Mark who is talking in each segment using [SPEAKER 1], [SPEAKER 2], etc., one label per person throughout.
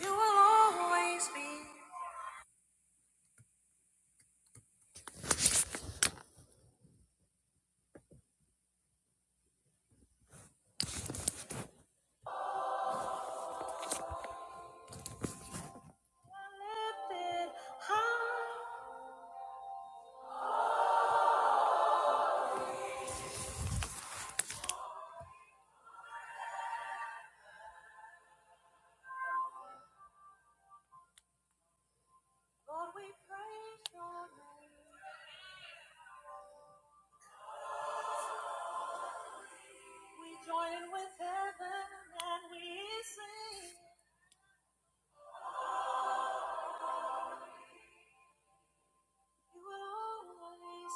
[SPEAKER 1] You will always be. We join in with heaven and we sing. You will always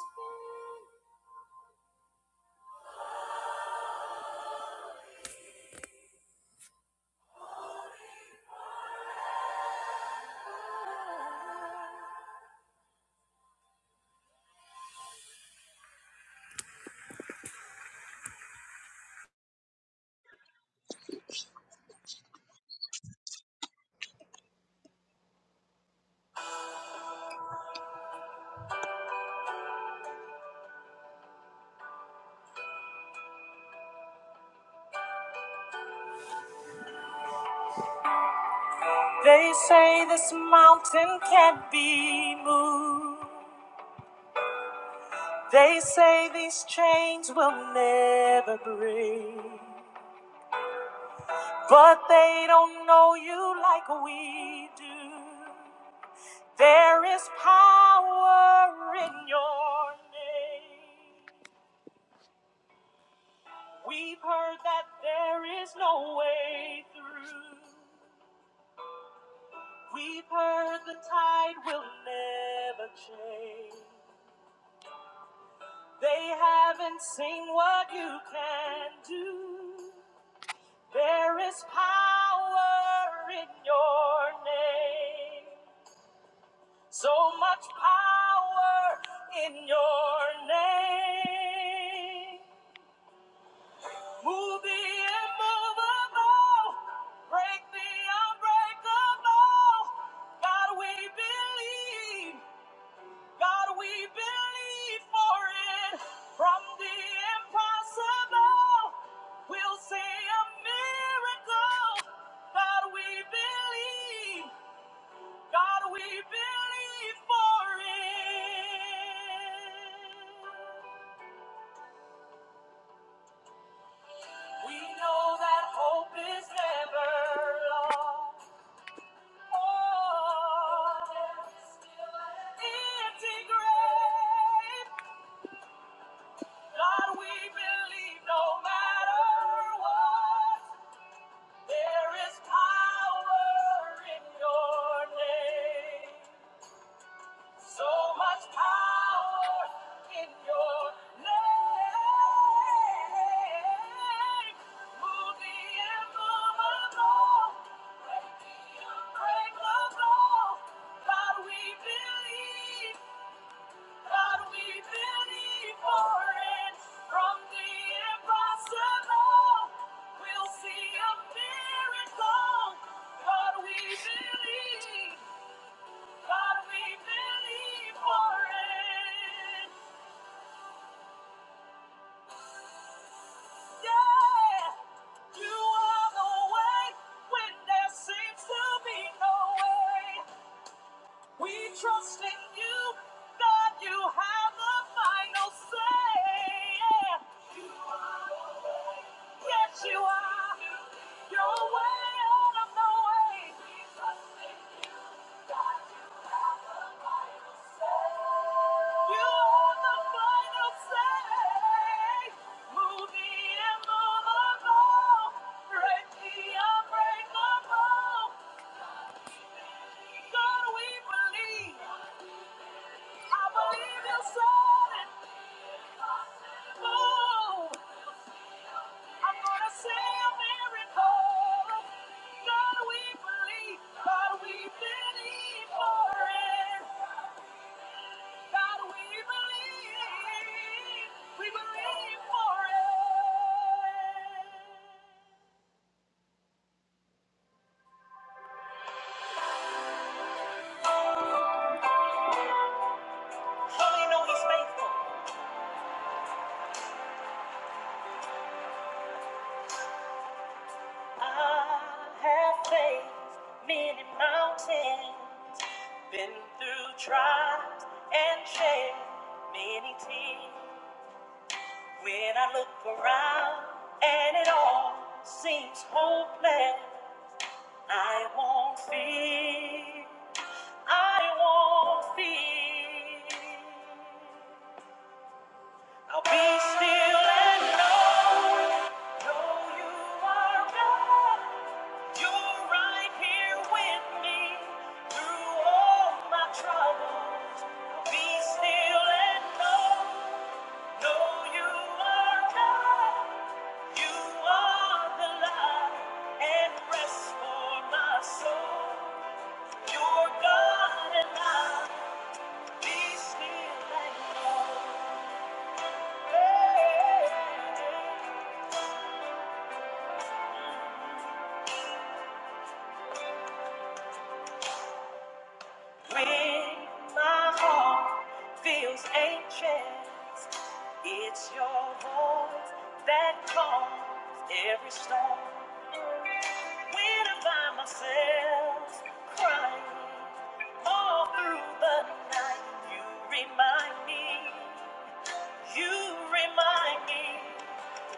[SPEAKER 1] be. They say this mountain can't be moved. They say these chains will never break. But they don't know you like we do. There is power in your name. We've heard that there is no way through. We've heard the tide will never change. They haven't seen what you can do. There is power in your name. So much power in your name. Move the immovable, break the unbreakable. God, we believe, God, we believe for it. From the impossible, we'll see a miracle. God, we believe, God, we believe for it. We know that hope is never lost. There is power in your name. So much power in your name. Move the immovable. Break the unbreakable. God, we believe. God, we believe for it. From the impossible, we'll see a miracle. God, we believe. God, we believe for it. Yeah. You are the way when there seems to be no way. We trust in you. God, you have the final say. Yeah. You are the way. Yes, you are. You're way out of the way. We trust in you. God, we believe God, we believe for it. God, we believe, we believe for it. I have faced many mountains, been through trials and shed many tears. When I look around and it all seems hopeless, I won't fear. I won't fear. I'll be still and know, know you are God. You're right here with me through all my troubles. I'll be still and know, know you are God. You are the light and rest for my soul. You're God and I. Be still and know. Hey. hey, hey. When my heart feels anxious, it's your voice that calms every storm. When I find myself crying all through the night, you remind me, you remind me,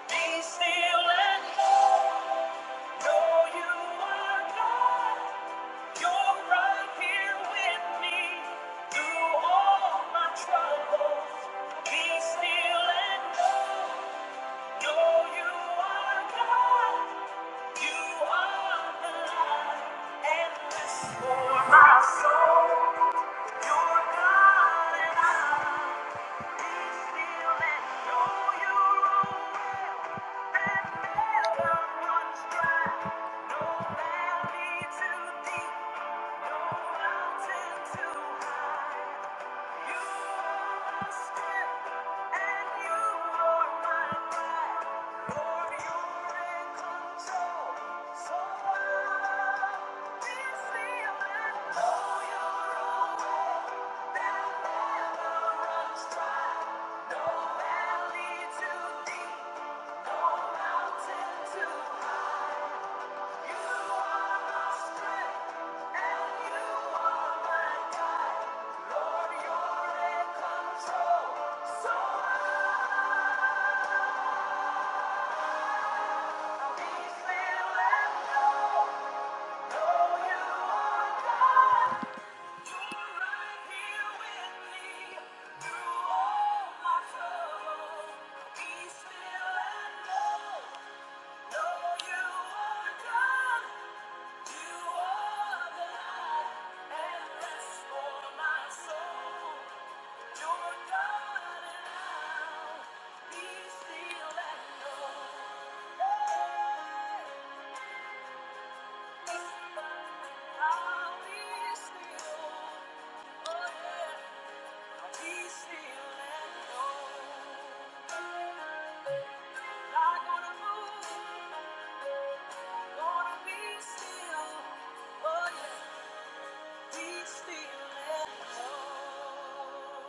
[SPEAKER 1] be still and know, know you are God. You're right here with me through all my troubles. Be still and know you are God. You are the light and this for my soul. You're God and I. Be still and know you rule and never runs dry. No valley too deep. No valley too deep, no mountain too high. Be still and know, know you are God. Not Gonna move, I'm gonna be still, oh yeah. Please be left alone.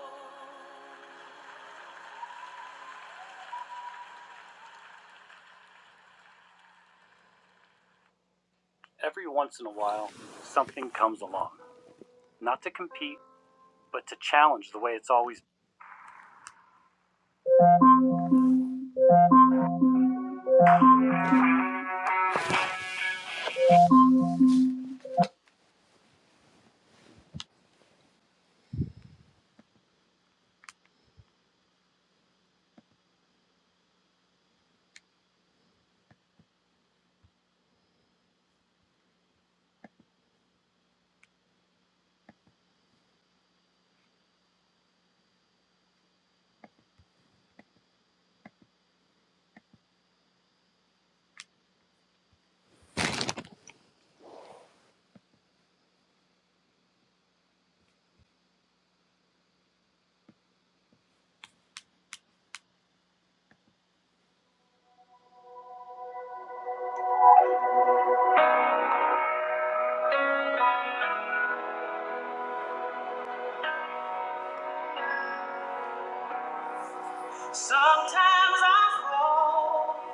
[SPEAKER 1] Sometimes I fall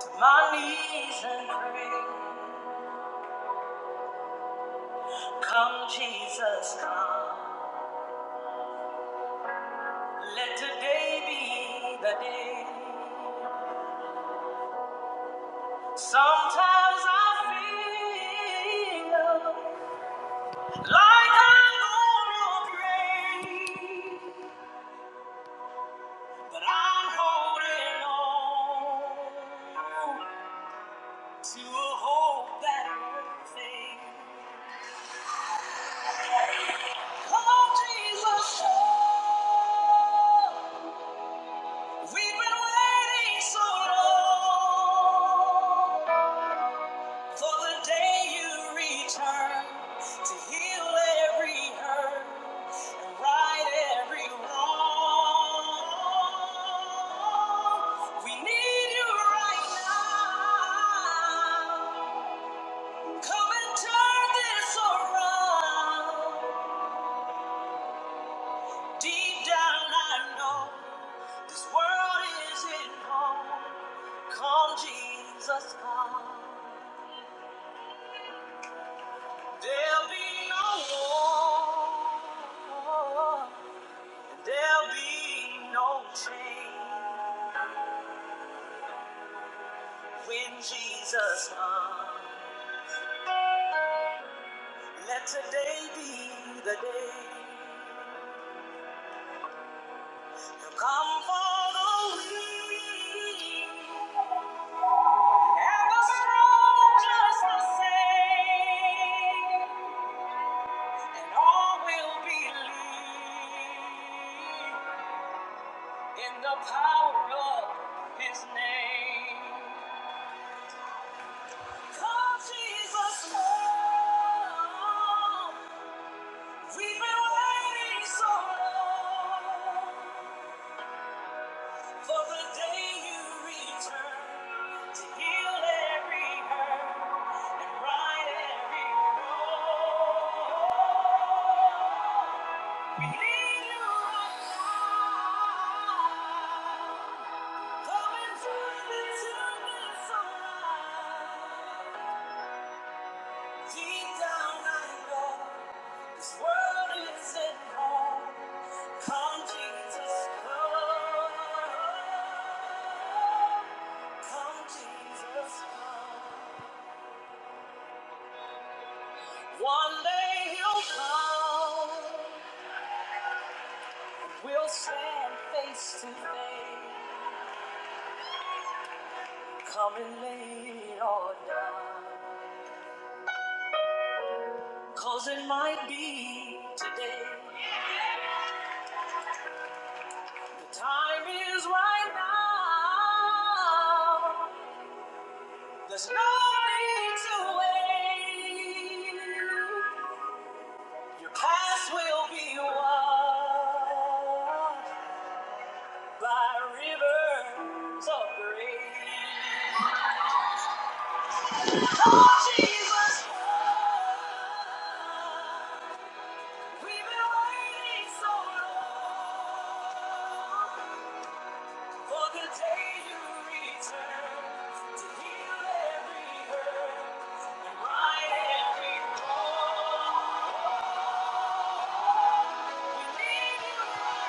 [SPEAKER 1] to my knees and pray. Come, Jesus, come. Let today be the day. Sometimes I feel like I'm gonna break, but I'm holding on. to hope that thing. Oh, Jesus, oh, we've been waiting so long for the day you return to heal every hurt and right every wrong. We need you right now. Come and turn this around. Deep down, I know this world isn't home. Come, Jesus, come. There'll be no war, and there'll be no change when Jesus comes. Let today be the day. He'll come for the weak. And the strong just the same, and all will believe in the power of His name. Come, Jesus, come. We've been waiting so long for the day You return to heal every hurt and right every wrong. One day he'll come, we'll stand face to face. Coming late or it it might be today. The time is right now. There's no need to wait. Your past will be washed by rivers of grace. Oh, Jesus. We've been waiting so long for the day you return to heal every hurt and right every wrong. We need you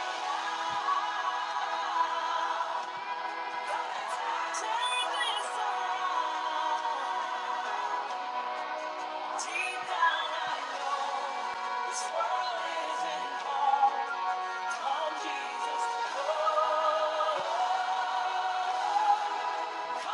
[SPEAKER 1] to turn this around. Deep down I know this world isn't home. Come, Jesus, Lord. Do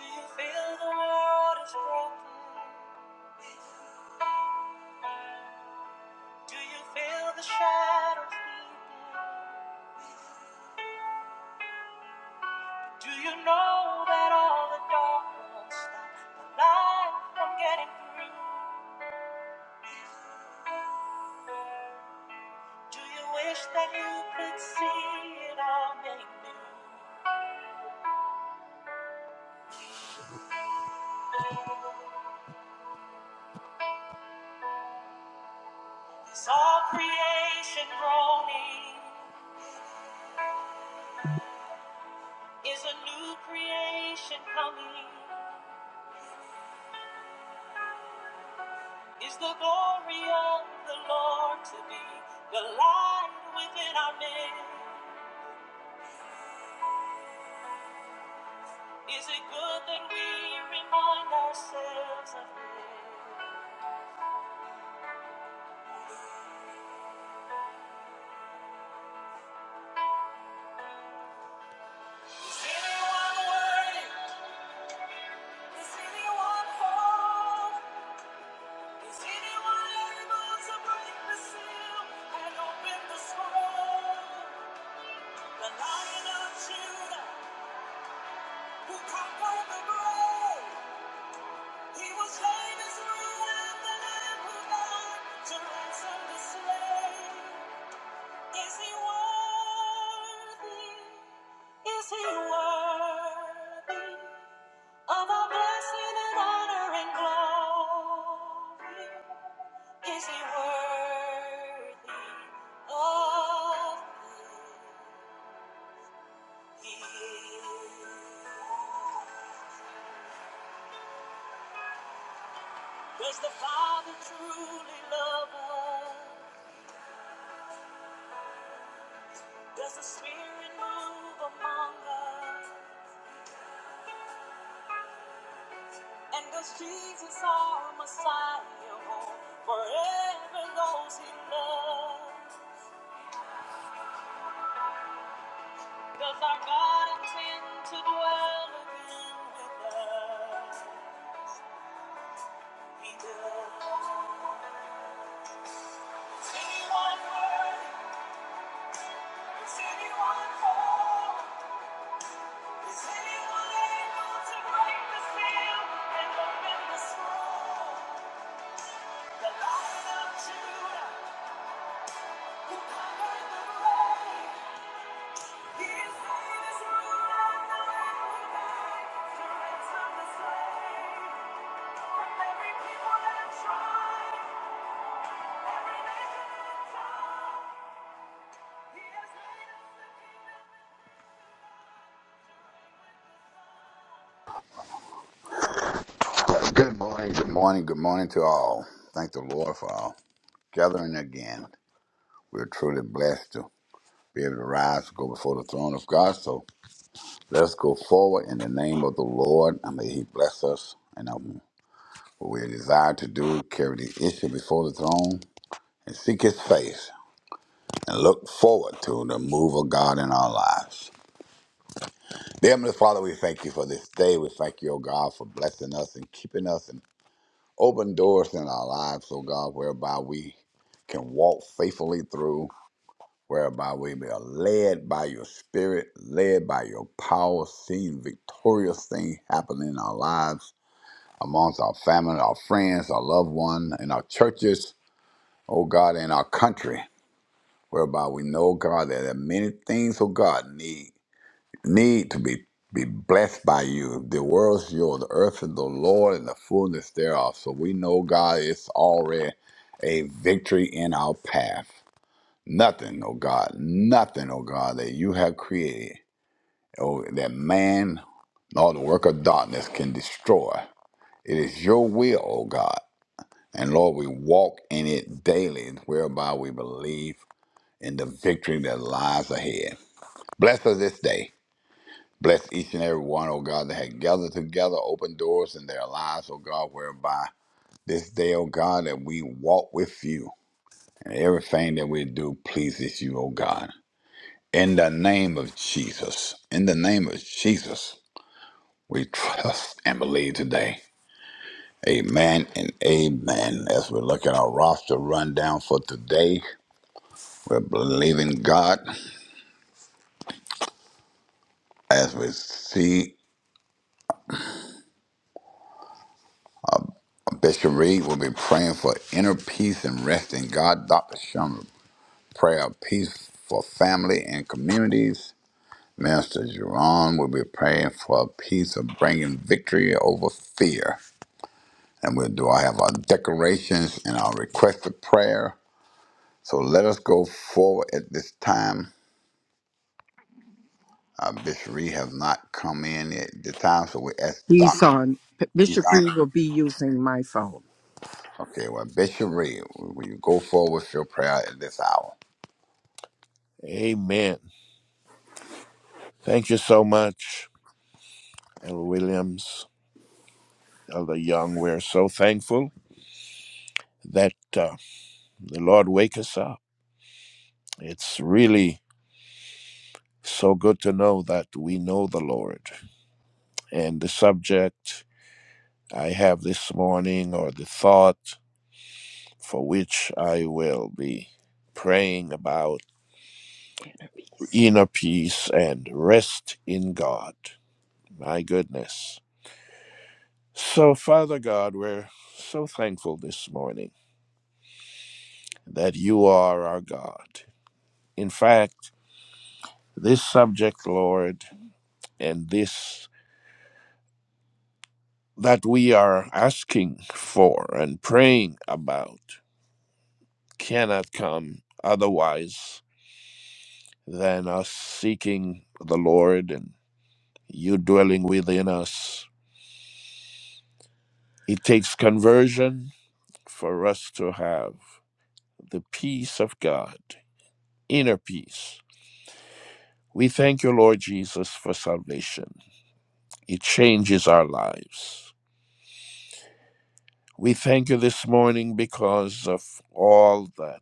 [SPEAKER 1] you feel the waters broken? Do you feel the shadows leaping? Do you know that all the dark won't stop the light from getting through? Do you wish that you could see it all made new? Is all creation groaning? is a new creation coming. Is the glory of the Lord to be the light within our men? Is it good that we remind ourselves of this? Is anyone worthy? Is anyone whole? Is anyone able to break the seal and open the scroll? The Lion of Judah, who conquered the grave. He was slain as a lamb, the lamb who to ransom the slain. Is he worthy? Is he worthy of our blessing and honor and glory? Is he worthy of it? Does the Father truly love us? Does the Spirit move among us? And does Jesus our Messiah hold forever those he loves? Does our God intend to dwell again with us? He does. Is anyone worthy? Is anyone whole? Is anyone able to break the seal and open the scroll? The Lion of Judah conquered the grave.
[SPEAKER 2] Good morning, good morning, good morning to all. Thank the Lord for all gathering again. We're truly blessed to be able to rise, go before the throne of God. So let's go forward in the name of the Lord. And may He bless us and um, what we desire to do, carry the issue before the throne and seek His face and look forward to the move of God in our lives. Dear Heavenly Father, we thank you for this day. We thank you, O God, for blessing us and keeping us. Open doors in our lives, oh God, whereby we can walk faithfully through, whereby we are led by your spirit, led by your power, seeing victorious things happen in our lives, amongst our family, our friends, our loved one, in our churches, oh God, in our country, whereby we know, God, that there are many things, oh God, need need to be be blessed by you. The world's yours, the earth is the Lord, and the fullness thereof. So we know God it's already a victory in our path. Nothing, oh God, nothing, oh God, that you have created, oh that man nor the work of darkness can destroy. It is your will, oh God. And Lord, we walk in it daily, whereby we believe in the victory that lies ahead. Bless us this day. Bless each and every one, oh God, that had gathered together, open doors in their lives, oh God, whereby this day, oh God, that we walk with you and everything that we do pleases you, oh God. In the name of Jesus, in the name of Jesus, we trust and believe today. Amen and amen. As we look at our roster rundown for today, we're believing God. As we see Bishop Reed we will be praying for inner peace and rest in God. Dr. Sherman prayer of peace for family and communities. Minister Jerome will be praying for peace of bringing victory over fear. And we'll do I have our declarations and our request of prayer. So let us go forward at this time. Uh, Bishop Reed has not come in at the time, so we ask
[SPEAKER 3] He's
[SPEAKER 2] Doc.
[SPEAKER 3] on.
[SPEAKER 2] He's
[SPEAKER 3] Bishop
[SPEAKER 2] on.
[SPEAKER 3] Reed will be using my phone.
[SPEAKER 2] Okay, well, Bishop Reed, will you go forward with your prayer at this hour?
[SPEAKER 3] Amen. Thank you so much, Elder Williams, Elder Young. We're so thankful that uh, the Lord wake us up. It's really so good to know that we know the Lord. And the subject I have this morning, or the thought for which I will be praying about inner peace and rest in God. My goodness. So, Father God, we're so thankful this morning that you are our God. In fact, this subject, Lord, and this that we are asking for and praying about cannot come otherwise than us seeking the Lord and you dwelling within us. It takes conversion for us to have the peace of God, inner peace We thank you, Lord Jesus, for salvation. It changes our lives. We thank you this morning because of all that,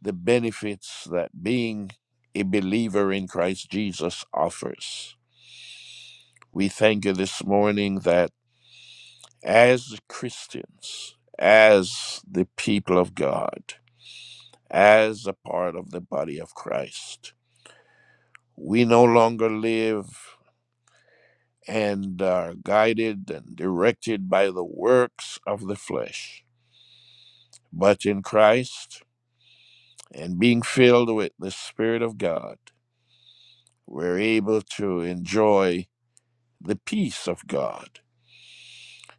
[SPEAKER 3] the benefits that being a believer in Christ Jesus offers. We thank you this morning that as Christians, as the people of God, as a part of the body of Christ, we no longer live. and are guided and directed by the works of the flesh. But in Christ, and being filled with the Spirit of God, we're able to enjoy the peace of God.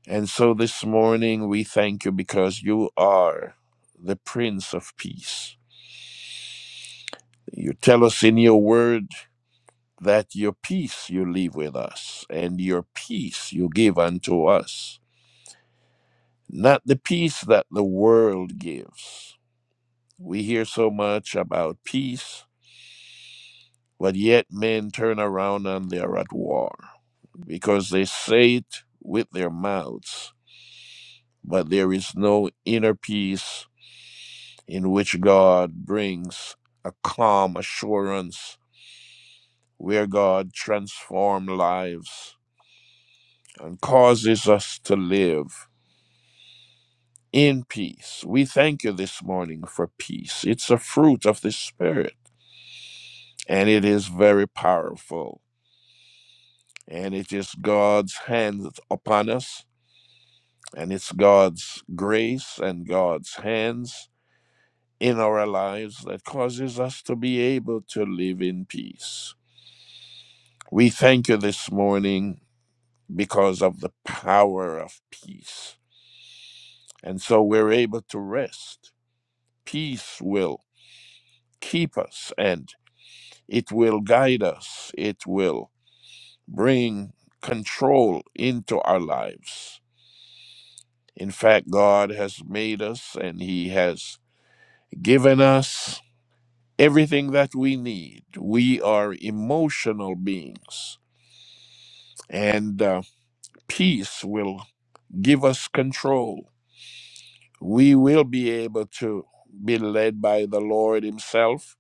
[SPEAKER 3] And so this morning, we thank you because you are the Prince of Peace. You tell us in your word that your peace you leave with us, and your peace you give unto us, not the peace that the world gives We hear so much about peace, but yet men turn around and they are at war because they say it with their mouths, but there is no inner peace in which God brings a calm assurance where God transforms lives and causes us to live in peace. We thank you this morning for peace. It's a fruit of the Spirit and it is very powerful. and it is God's hand upon us, and it's God's grace and God's hands in our lives that causes us to be able to live in peace. We thank you this morning because of the power of peace. And so we're able to rest. Peace will keep us and it will guide us, it will bring control into our lives. In fact, God has made us and He has given us everything that we need. We are emotional beings, and uh, peace will give us control. We will be able to be led by the Lord Himself,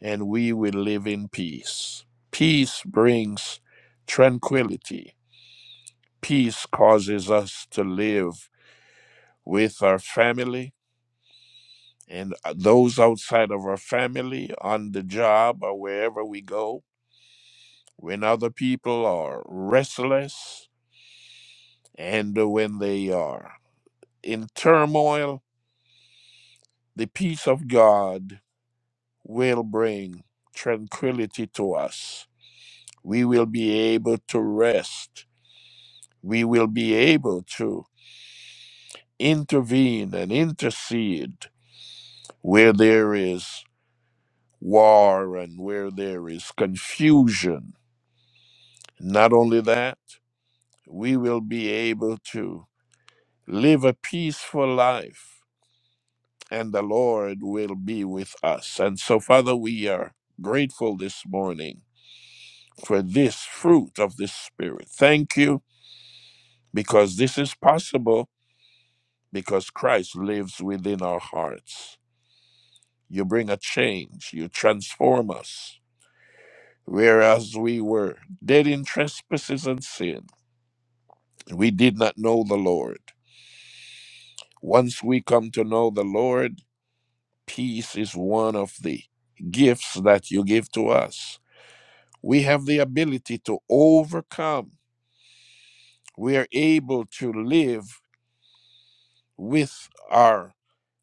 [SPEAKER 3] and we will live in peace. Peace brings tranquility. Peace causes us to live with our family, and uh, those outside of our family, on the job, or wherever we go, when other people are restless and when they are in turmoil, the peace of God will bring tranquility to us. We will be able to rest. We will be able to intervene and intercede where there is war and where there is confusion. Not only that, we will be able to live a peaceful life and the Lord will be with us. And so, Father, we are grateful this morning for this fruit of the Spirit. Thank you because this is possible because Christ lives within our hearts. You bring a change, you transform us. Whereas we were dead in trespasses and sin, we did not know the Lord. Once we come to know the Lord, Peace is one of the gifts that you give to us. We have the ability to overcome. We are able to live with our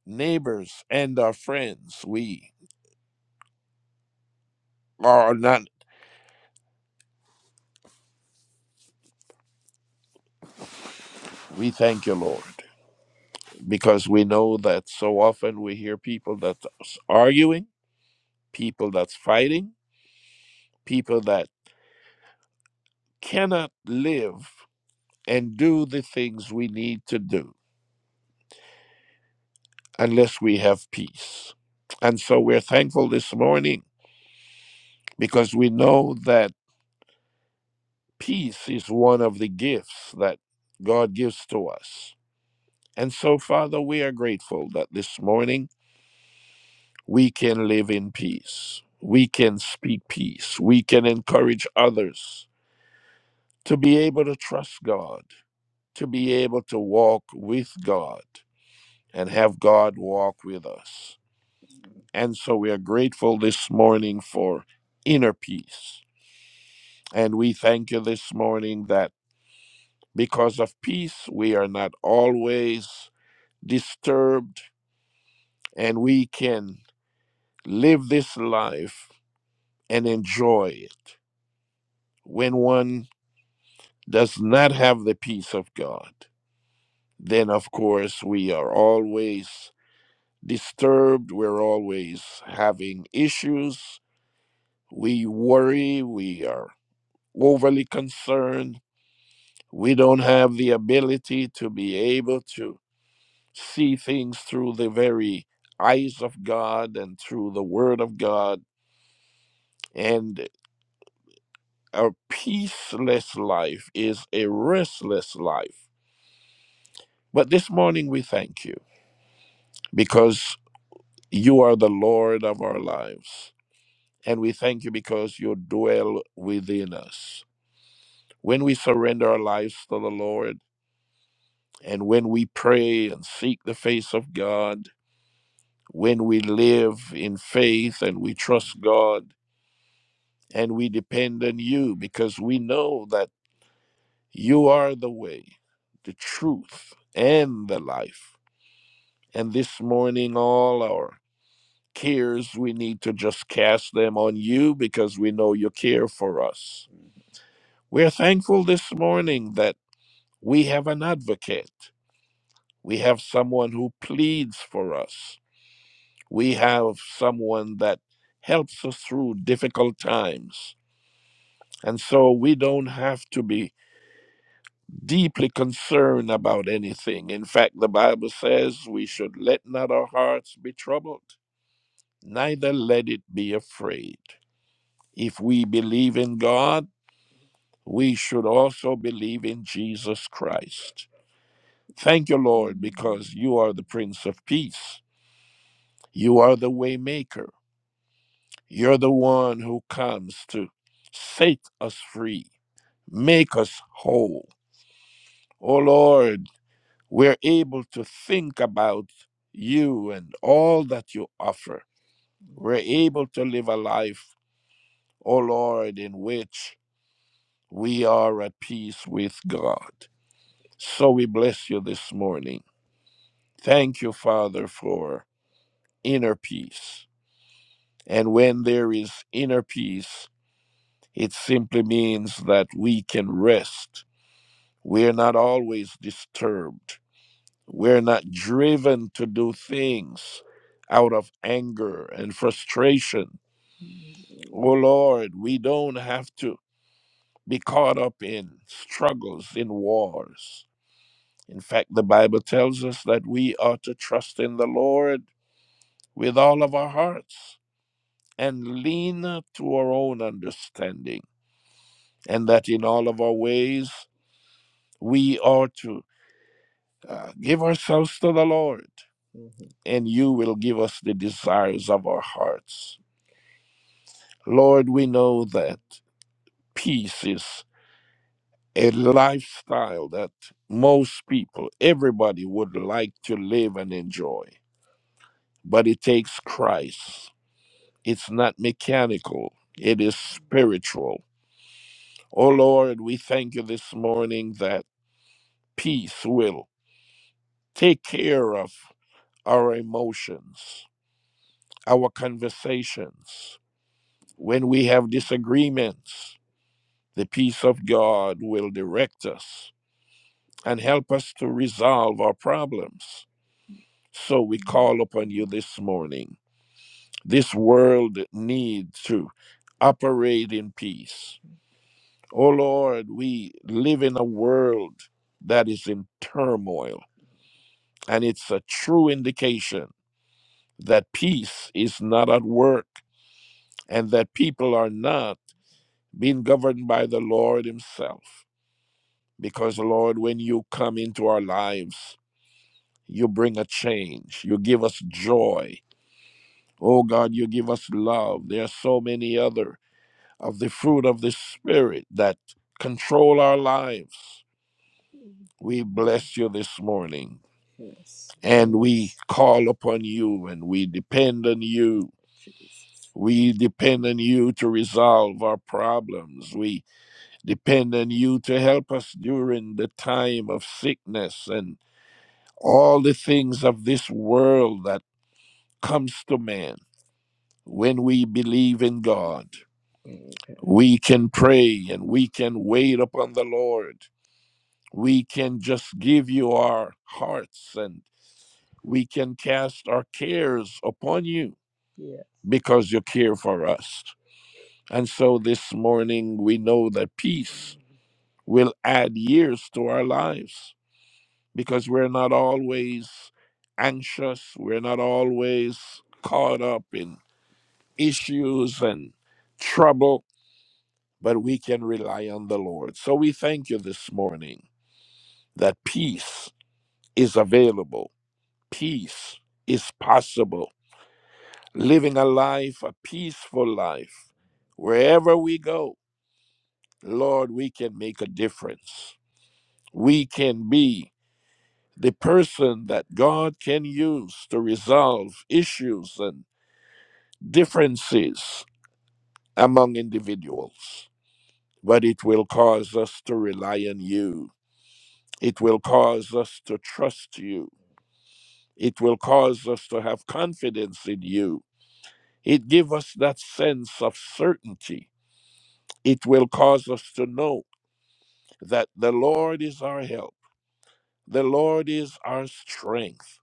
[SPEAKER 3] neighbors and our friends. We are not, we thank you, Lord, because we know that so often we hear people that's arguing, people that's fighting, people that cannot live and do the things we need to do unless we have peace. And so we're thankful this morning because we know that peace is one of the gifts that God gives to us. And so, Father, we are grateful that this morning we can live in peace. We can speak peace. We can encourage others to be able to trust God, to be able to walk with God, and have God walk with us. And so we are grateful this morning for inner peace And we thank you this morning that because of peace, we are not always disturbed and we can live this life and enjoy it. When one does not have the peace of God, then of course we are always disturbed. We're always having issues. We worry. We are overly concerned. We don't have the ability to be able to see things through the very eyes of God and through the Word of God. And a peaceless life is a restless life. But this morning we thank you because you are the Lord of our lives. And we thank you because you dwell within us. When we surrender our lives to the Lord, and when we pray and seek the face of God, when we live in faith and we trust God, And we depend on you because we know that you are the way, the truth, and the life. And this morning, all our cares, we need to just cast them on you because we know you care for us. We're thankful this morning that we have an advocate. We have someone who pleads for us. We have someone that helps us through difficult times. And so we don't have to be deeply concerned about anything. In fact, the Bible says we should let not our hearts be troubled, neither let it be afraid. If we believe in God, we should also believe in Jesus Christ. Thank you, Lord, because you are the Prince of Peace. You are the Waymaker. You're the one who comes to set us free, make us whole. Oh Lord, we're able to think about you and all that you offer. We're able to live a life, O Lord, in which we are at peace with God. So we bless you this morning. Thank you, Father, for inner peace. And when there is inner peace, it simply means that we can rest. We're not always disturbed We're not driven to do things out of anger and frustration. Oh Lord, we don't have to be caught up in struggles, in wars. In fact, the Bible tells us that we are to trust in the Lord with all of our hearts and lean not to our own understanding, and that in all of our ways we are to Uh, give ourselves to the Lord, Mhm. and you will give us the desires of our hearts. Lord, we know that peace is a lifestyle that most people, everybody would like to live and enjoy, but it takes Christ. It's not mechanical, it is spiritual. Oh Lord, we thank you this morning that peace will take care of our emotions, our conversations When we have disagreements, the peace of God will direct us and help us to resolve our problems. So we call upon you this morning. This world needs to operate in peace. Oh Lord, we live in a world that is in turmoil, and it's a true indication that peace is not at work and that people are not being governed by the Lord Himself. Because, Lord, when you come into our lives, you bring a change. You give us joy. Oh, God, you give us love. There are so many other of the fruit of the Spirit that control our lives. We bless you this morning Yes, and we yes. call upon you and we depend on you. We depend on you to resolve our problems. We depend on you to help us during the time of sickness and. all the things of this world that comes to man when we believe in god Okay. we can pray and we can wait upon the lord we can just give you our hearts and we can cast our cares upon you Yes. because you care for us and so this morning we know that peace will add years to our lives because we're not always anxious, we're not always caught up in issues and trouble, but we can rely on the Lord. So we thank you this morning that peace is available, peace is possible. Living a life, a peaceful life, wherever we go, Lord, we can make a difference. We can be the person that God can use to resolve issues and differences among individuals, but it will cause us to rely on you. It will cause us to trust you. It will cause us to have confidence in you. It gives us that sense of certainty. It will cause us to know that the Lord is our help, the Lord is our strength,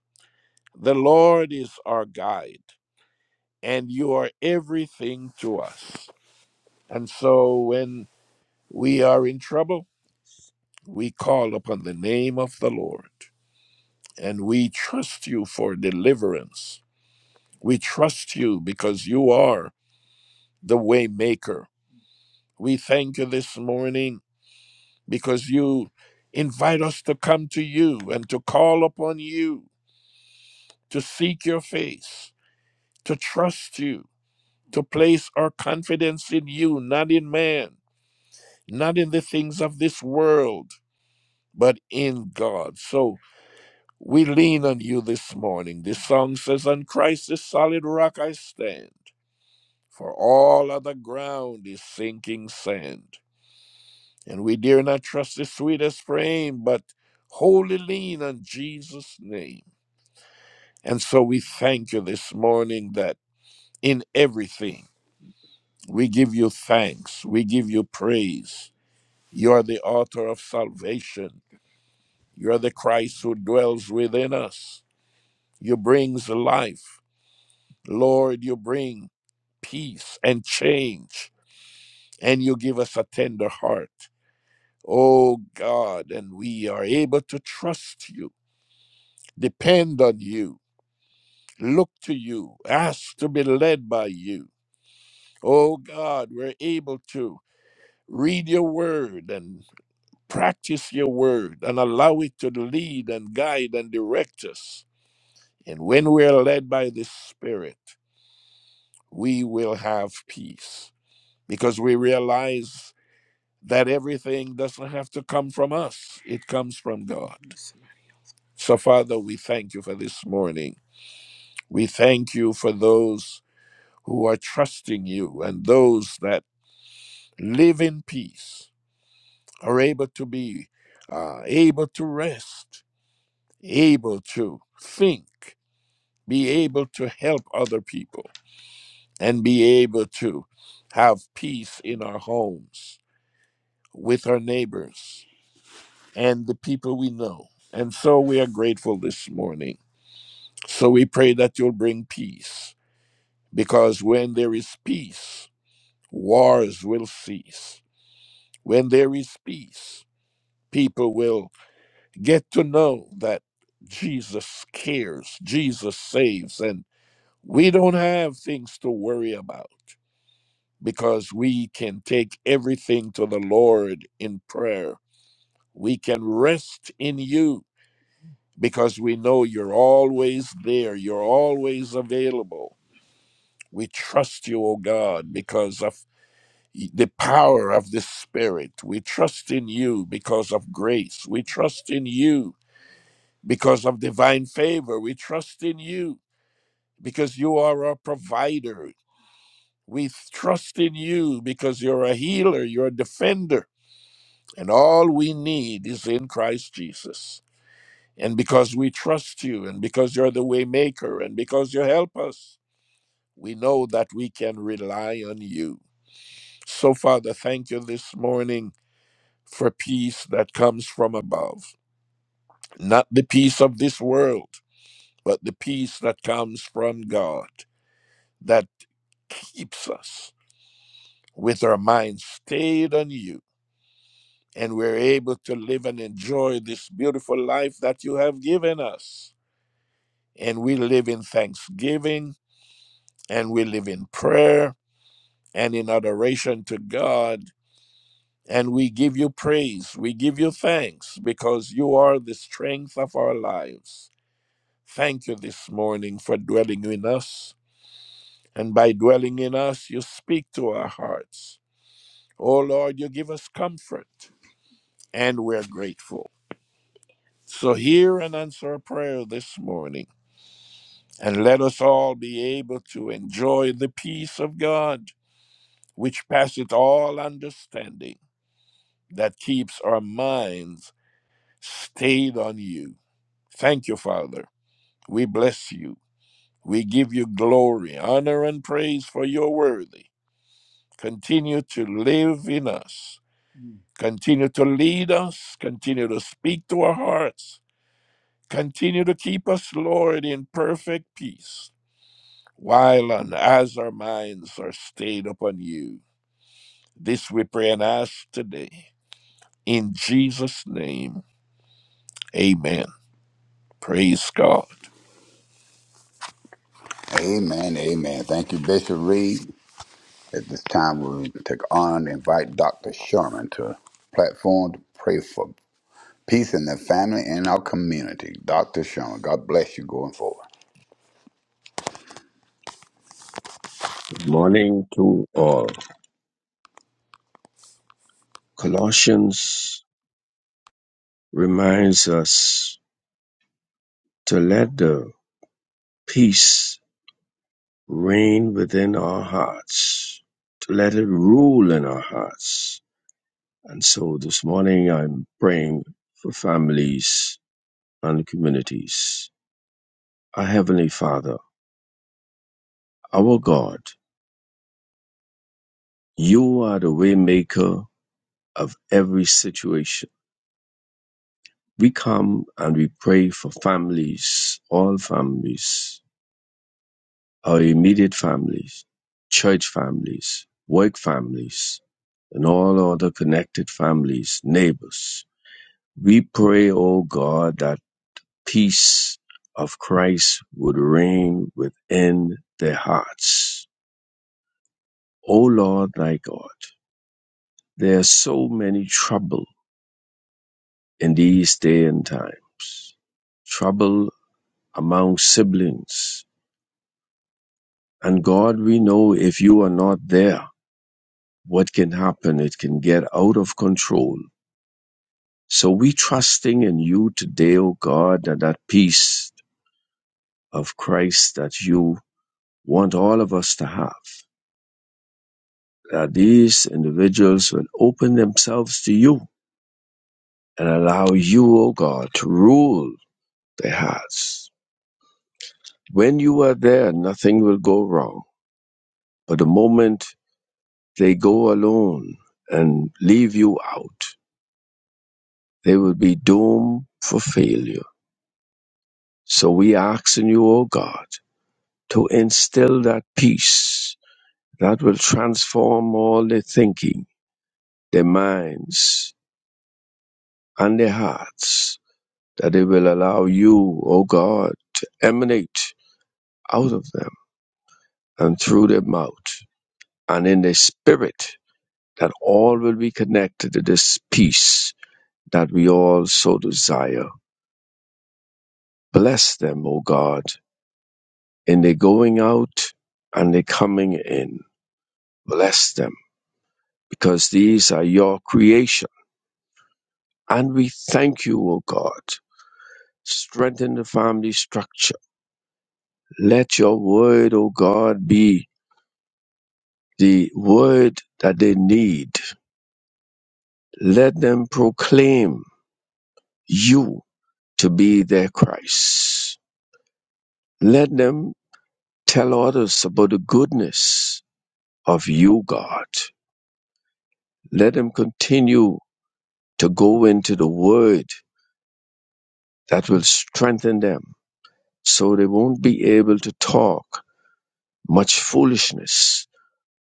[SPEAKER 3] the Lord is our guide, and you are everything to us. And so when we are in trouble, We call upon the name of the Lord and we trust you for deliverance. We trust you because you are the way maker. We thank you this morning because you invite us to come to you and to call upon you, to seek your face, to trust you, to place our confidence in you, not in man, not in the things of this world, but in God. So We lean on you this morning. This song says, On Christ the solid rock I stand, for all other ground is sinking sand. And we dare not trust the sweetest frame, but wholly lean on Jesus' name. And so we thank you this morning that in everything we give you thanks, we give you praise. You are the author of salvation. You are the Christ who dwells within us. You brings life. Lord, you bring peace and change, and you give us a tender heart. Oh God, and we are able to trust you, depend on you, look to you, ask to be led by you. Oh God, we're able to read your word and practice your word and allow it to lead and guide and direct us. And when we are led by the Spirit, we will have peace because we realize that everything doesn't have to come from us, it comes from God. So, Father, we thank you for this morning. We thank you for those who are trusting you and those that live in peace, are able to be uh, able to rest, able to think, be able to help other people, and be able to have peace in our homes, with our neighbors and the people we know. And so we are grateful this morning. So we pray that you'll bring peace because when there is peace, wars will cease. When there is peace, people will get to know that Jesus cares, Jesus saves, and we don't have things to worry about because we can take everything to the Lord in prayer. We can rest in you because we know you're always there, you're always available. We trust you, O God, because of the power of the Spirit. We trust in you because of grace. We trust in you because of divine favor. We trust in you because you are our provider. We trust in you because you're a healer, you're a defender, and all we need is in Christ Jesus. And because we trust you, and because you're the waymaker, and because you help us, we know that we can rely on you. So, Father, thank you this morning for peace that comes from above, not the peace of this world, but the peace that comes from God that keeps us with our minds stayed on you. And we're able to live and enjoy this beautiful life that you have given us. And we live in thanksgiving and we live in prayer and in adoration to God. And we give you praise. We give you thanks because you are the strength of our lives. Thank you this morning for dwelling in us. And by dwelling in us, you speak to our hearts. Oh Lord, you give us comfort, and we're grateful. So hear and answer our prayer this morning. And let us all be able to enjoy the peace of God, which passeth all understanding that keeps our minds stayed on you. Thank you, Father. We bless you. We give you glory, honor, and praise for your worthy. Continue to live in us. Continue to lead us. Continue to speak to our hearts. Continue to keep us, Lord, in perfect peace, while and as our minds are stayed upon you. This we pray and ask today. In Jesus' name, amen. Praise God.
[SPEAKER 2] Amen, amen. Thank you, Bishop Reed. At this time, we take honor and invite Dr. Sherman to the platform to pray for peace in the family and our community. Dr. Sherman, God bless you going forward.
[SPEAKER 4] Good Morning to all. Colossians reminds us to let the peace reign within our hearts, to let it rule in our hearts. And so this morning I'm praying for families and communities. Our Heavenly Father, our God, you are the waymaker of every situation. We come and we pray for families, all families, our immediate families, church families, work families, and all other connected families, neighbors. We pray, O God, that peace of Christ would reign within their hearts. O Lord, thy God, there are so many trouble in these day and times. Trouble among siblings. And God, we know if you are not there, what can happen? It can get out of control So we trusting in you today, O God, and that peace of Christ that you want all of us to have. That these individuals will open themselves to you and allow you, O God, to rule their hearts. When you are there, nothing will go wrong. But the moment they go alone and leave you out, they will be doomed for failure. So we ask in you, O God, to instill that peace that will transform all their thinking, their minds, and their hearts, that it will allow you, O God, to emanate out of them and through their mouth and in their spirit, that all will be connected to this peace that we all so desire. Bless them, O God, in their going out and their coming in. Bless them, because these are your creation. And we thank you, O God Strengthen the family structure. Let your word, O God, be the word that they need. Let them proclaim you to be their Christ. Let them tell others about the goodness of you, God. Let them continue to go into the word that will strengthen them so they won't be able to talk much foolishness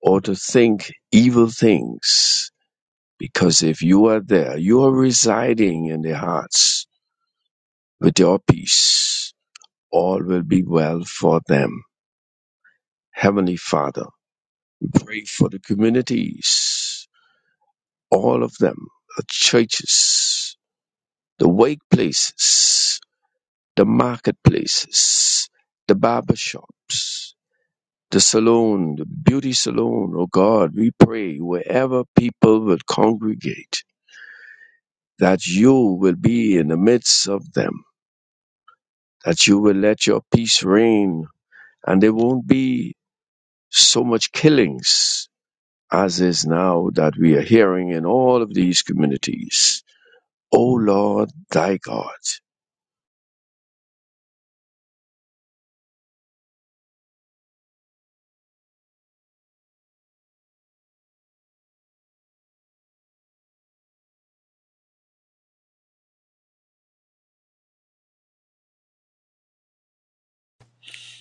[SPEAKER 4] or to think evil things Because if you are there, you are residing in their hearts with your peace. All will be well for them. Heavenly Father, we pray for the communities, all of them, the churches, the workplaces, the marketplaces, the barber shops, the salon, the beauty salon. Oh God, we pray wherever people will congregate that you will be in the midst of them that you will let your peace reign and there won't be so much killings as is now that we are hearing in all of these communities. O Lord, thy God.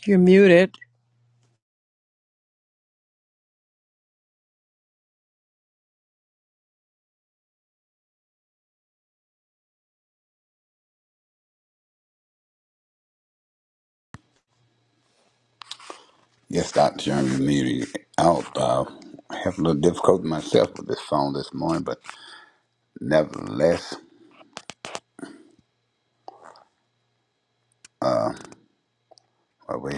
[SPEAKER 3] You're muted.
[SPEAKER 2] Yes, Dr. Sherman, you muted out. Uh, I have a little difficulty myself with this phone this morning, but nevertheless, uh, we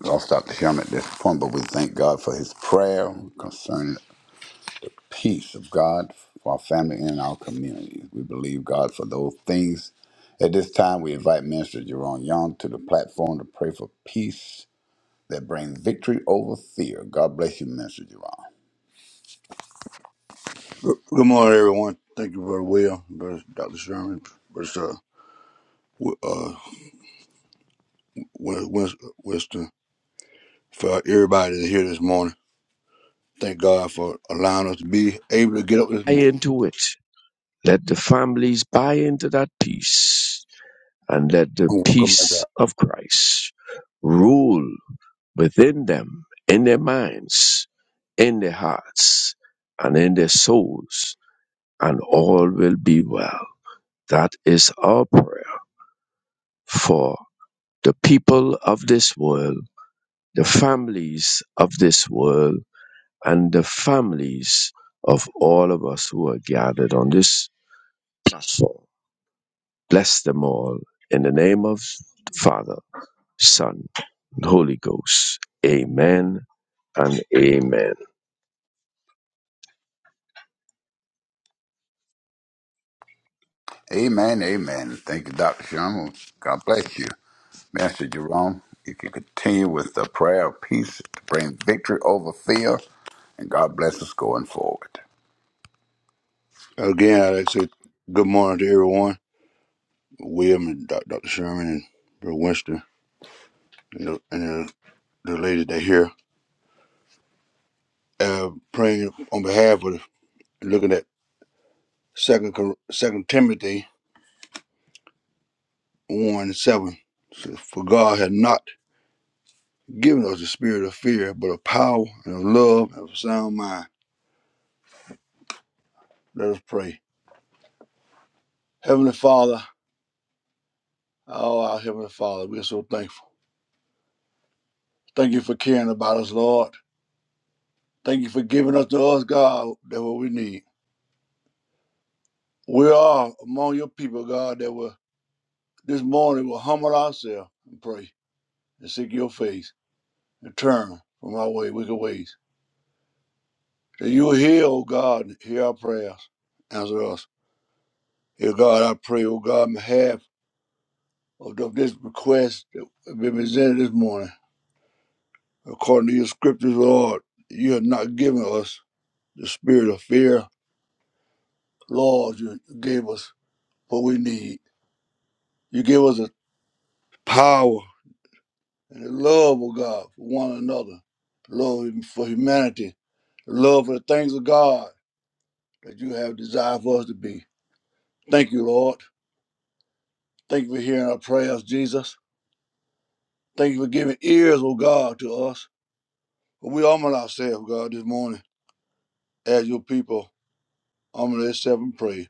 [SPEAKER 2] lost Dr. Sherman at this point, but we thank God for his prayer concerning peace of God for our family and our communities. We believe God for those things. At this time, we invite Minister Jerome Young to the platform to pray for peace that brings victory over fear. God bless you, Minister Jerome.
[SPEAKER 5] Good good morning, everyone. Thank you, Brother Will, Brother Dr. Sherman, Brother uh, Wi- uh, Win- Win- Winston, for everybody that's here this morning. Thank God for allowing us to be able to get up this
[SPEAKER 4] buy
[SPEAKER 5] morning
[SPEAKER 4] into it. Let the families buy into that peace and let the
[SPEAKER 5] and welcome back
[SPEAKER 4] peace of Christ rule within them, in their minds, in their hearts, and in their souls, and all will be well. That is our prayer for the people of this world, the families of this world, and the families of all of us who are gathered on this platform. Bless them all in the name of Father, Son, and Holy Ghost. Amen and amen.
[SPEAKER 2] Amen, amen. Thank you, Dr. Sherman. God bless you. Minister Jerome, you can continue with the prayer of peace to bring victory over fear, and God bless us going forward.
[SPEAKER 5] out. Again, I'd like to say good morning to everyone, William and Doc- Dr. Sherman and Brother Winston and the, and the, the ladies that here. Uh, praying on behalf of, looking at Second Second Timothy 1 and 7. says, For God has not giving us the spirit of fear, but of power and of love and of a sound mind. Let us pray. Heavenly Father, oh, our Heavenly Father, we are so thankful. Thank you for caring about us, Lord. Thank you for giving us to us, God, that what we need. We are among your people, God, that will this morning will humble ourselves and pray and seek your face and turn from our way, wicked ways. That you will hear, oh God, and hear our prayers, answer us. Dear God, I pray, oh God, on behalf of this request that have been presented this morning. According to your scriptures, Lord, you have not given us the spirit of fear. Lord, you gave us what we need. You gave us the power and the love of God for one another, love for humanity, love for the things of God that you have desired for us to be. Thank you, Lord. Thank you for hearing our prayers, Jesus. Thank you for giving ears, O God, to us. We humble ourselves, God, this morning as your people I'm going to accept and pray.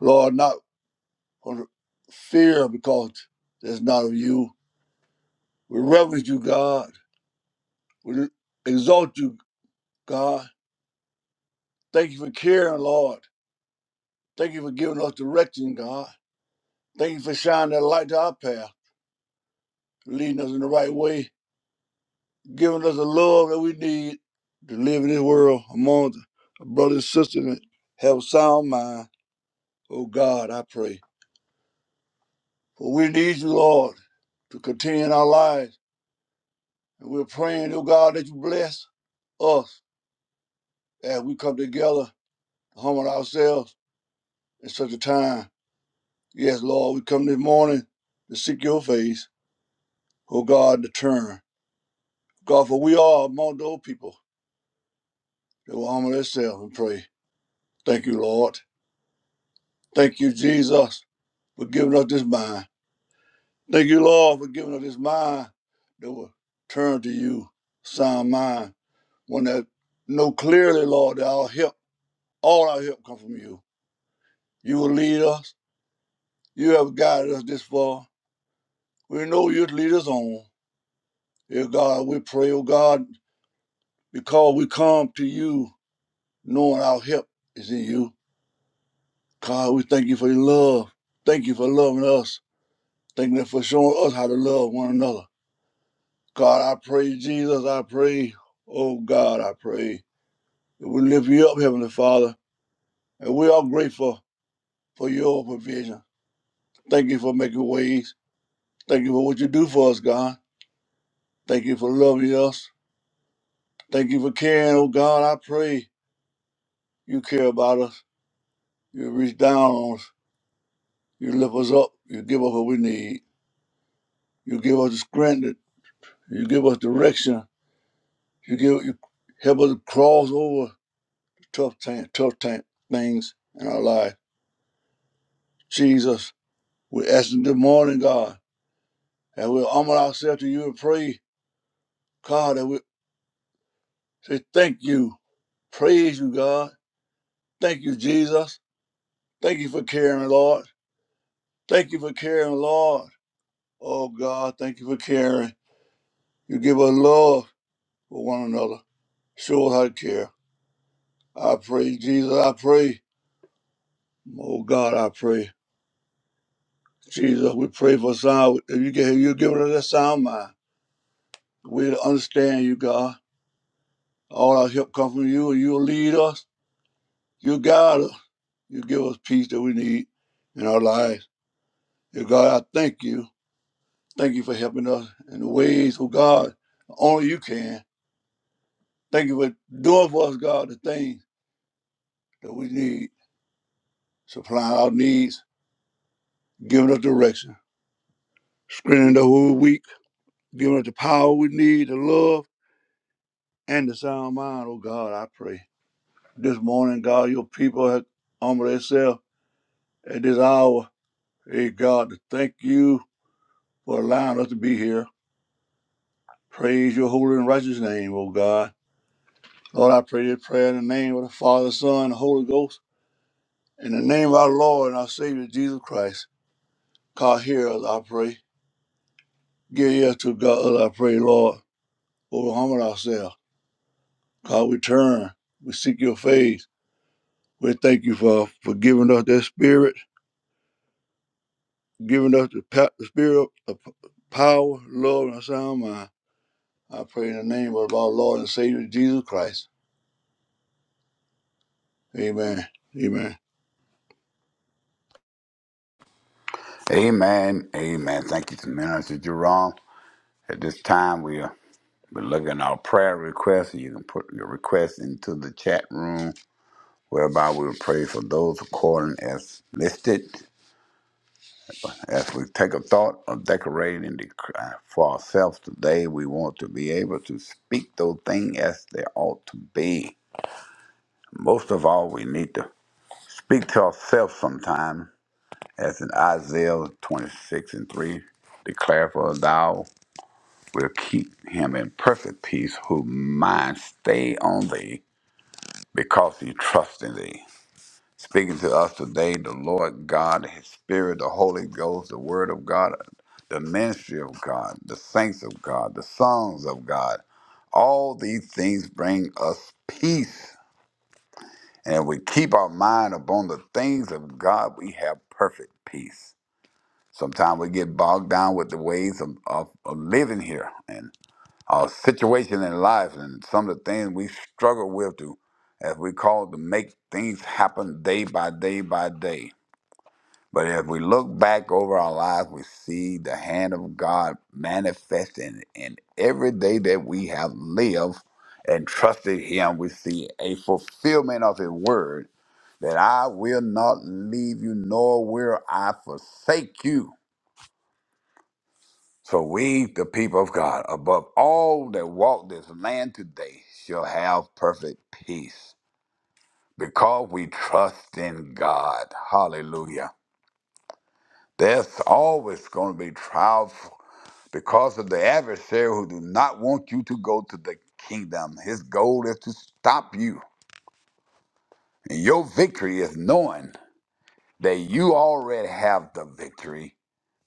[SPEAKER 5] Lord, not for fear because that's not of you. We reverence you, God. We exalt you, God. Thank you for caring, Lord. Thank you for giving us direction, God. Thank you for shining that light to our path, leading us in the right way, giving us the love that we need to live in this world among the brothers and sisters and have a sound mind. Oh God, I pray. For we need you, Lord, to continue in our lives. And we're praying, oh God, that you bless us as we come together, to humble ourselves in such a time. Yes, Lord, we come this morning to seek your face, oh God, to turn. God, for we are among those people that will humble themselves and pray. Thank you, Lord. Thank you, Jesus, for giving us this mind. Thank you, Lord, for giving us this mind that will turn to you, sound mind, one that know clearly, Lord, that our help, all our help come from you. You will lead us. You have guided us this far. We know you'd lead us on. Dear God, we pray, oh God, because we come to you knowing our help is in you. God, we thank you for your love. Thank you for loving us. Thank you for showing us how to love one another. God, I pray, Jesus, I pray. Oh God, I pray. that We lift you up, Heavenly Father, and we are grateful for your provision. Thank you for making ways. Thank you for what you do for us, God. Thank you for loving us. Thank you for caring, oh God. I pray you care about us. You reach down on us. You lift us up. You give us what we need. You give us the strength. You give us direction. You give you help us to cross over tough time, tough time things in our life. Jesus, we ask you this morning, God, that we humble ourselves to you and pray, God, that we say thank you, praise you, God. Thank you, Jesus. Thank you for caring, Lord. Thank you for caring, Lord. Oh God, thank you for caring. You give us love for one another. Show us how to care. I pray, Jesus, I pray. Oh God, I pray. Jesus, we pray for sound. If you get you give us that sound mind. We understand you, God. All our help comes from you, and you'll lead us. You guide us. You give us peace that we need in our lives. And God, I thank you. Thank you for helping us in the ways, oh God, only you can. Thank you for doing for us, God, the things that we need, supplying our needs, giving us direction. Screening the whole week giving us the power we need, the love, and the sound mind, oh God, I pray. This morning, God, your people have humbled themselves at this hour. Hey, God, to thank you for allowing us to be here. Praise your holy and righteous name, oh God. Lord, I pray this prayer in the name of the Father, Son, and Holy Ghost, in the name of our Lord and our Savior Jesus Christ. God, hear us, I pray. Give ear to God, I pray, Lord, for we humble ourselves. God, we turn, we seek your face. We thank you for, for giving us that spirit, giving us the, pa- the spirit of power, love, and a sound mind. I pray in the name of our Lord and Savior Jesus Christ. Amen. Amen.
[SPEAKER 2] Amen, amen. Thank you to Minister Jerome. At this time, we are But look at our prayer requests. You can put your requests into the chat room, whereby we will pray for those according as listed. As we take a thought of decorating the, uh, for ourselves today, we want to be able to speak those things as they ought to be. Most of all, we need to speak to ourselves sometime, as in Isaiah 26 and 3 declare for thou will keep him in perfect peace who mind stay on thee because he trusts in thee. Speaking to us today, the Lord God, His Spirit, the Holy Ghost, the Word of God, the ministry of God, the saints of God, the songs of God, all these things bring us peace. And if we keep our mind upon the things of God, we have perfect peace. Sometimes we get bogged down with the ways of, of, of living here our situation in life and some of the things we struggle with to, as we call to make things happen day by day by day. But if we look back over our lives, we see the hand of God manifesting in every day that we have lived and trusted Him. We see a fulfillment of His word that I will not leave you, nor will I forsake you. So we, the people of God, above all that walk this land today, shall have perfect peace because we trust in God. Hallelujah. There's always going to be trials because of the adversary who do not want you to go to the kingdom. His goal is to stop you. And your victory is knowing. that you already have the victory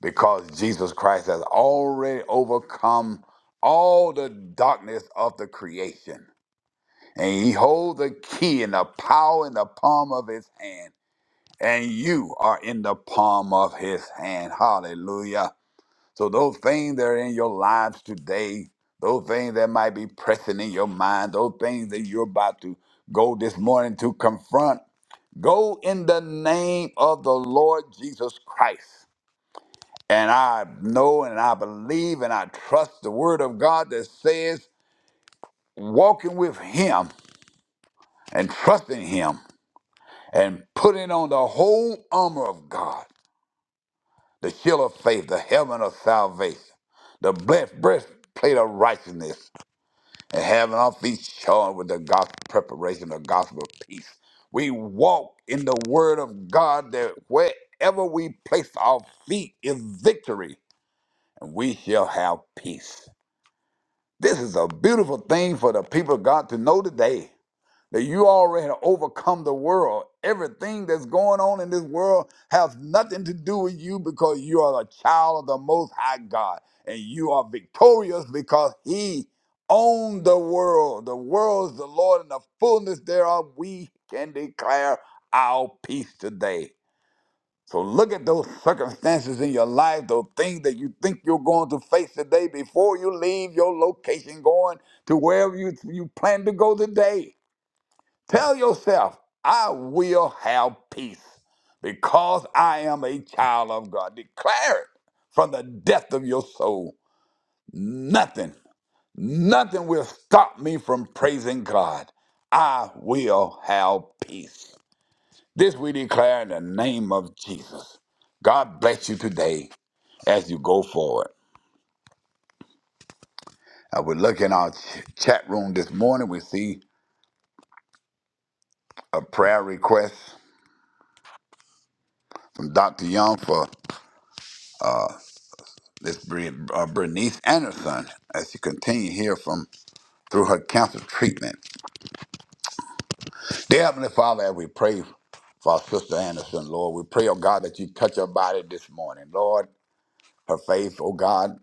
[SPEAKER 2] because Jesus Christ has already overcome all the darkness of the creation. And he holds the key and the power in the palm of his hand. And you are in the palm of his hand. Hallelujah. So those things that are in your lives today, those things that might be pressing in your mind, those things that you're about to go this morning to confront Go in the name of the Lord Jesus Christ. And I know and I believe and I trust the word of God that says, walking with Him and trusting Him and putting on the whole armor of God, the shield of faith, the helmet of salvation, the breast- breastplate of righteousness, and having our feet shod with the gospel preparation of gospel of peace. We walk in the word of God that wherever we place our feet is victory, and we shall have peace. This is a beautiful thing for the people of God to know today that you already overcome the world. Everything that's going on in this world has nothing to do with you because you are a child of the Most High God and you are victorious because He owned the world. The world is the Lord, and the fullness thereof we can declare our peace today. So look at those circumstances in your life, those things that you think you're going to face today before you leave your location going to wherever you, you plan to go today. Tell yourself, I will have peace because I am a child of God. Declare it from the depth of your soul. Nothing, nothing will stop me from praising God. I will have peace. This we declare in the name of Jesus. God bless you today as you go forward. Uh, we look in our ch- chat room this morning. We see a prayer request from Dr. Young for This Bre- uh, Bernice Anderson, as she continue here from through her cancer treatment. Dear Heavenly Father, as we pray for our sister Anderson, Lord, we pray, oh God, that you touch her body this morning. Lord, her faith, oh God,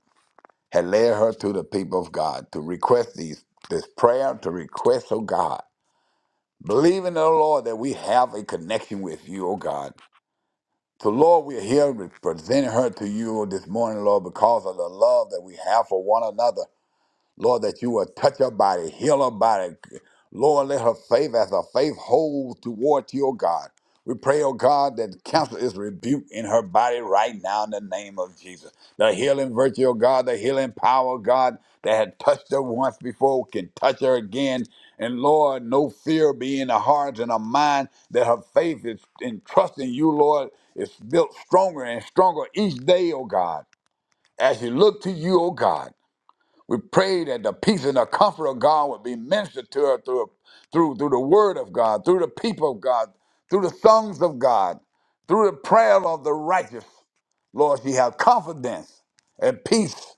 [SPEAKER 2] had led her to the people of God to request these this prayer, to request, oh God, believing, oh Lord, that we have a connection with you, oh God. So, Lord, we're here presenting her to you this morning, Lord, because of the love that we have for one another. Lord, that you would touch her body, heal her body. Lord, let her faith as her faith hold toward you, O God. We pray, oh God, that cancer is rebuked in her body right now in the name of Jesus. The healing virtue, oh God, the healing power, oh God, that had touched her once before can touch her again. And Lord, no fear be in her heart and her mind that her faith is in trusting you, Lord, is built stronger and stronger each day, oh God. As you look to you, oh God, we pray that the peace and the comfort of God would be ministered to her through, through, through the word of God, through the people of God, through the songs of God, through the prayer of the righteous. Lord, she have confidence and peace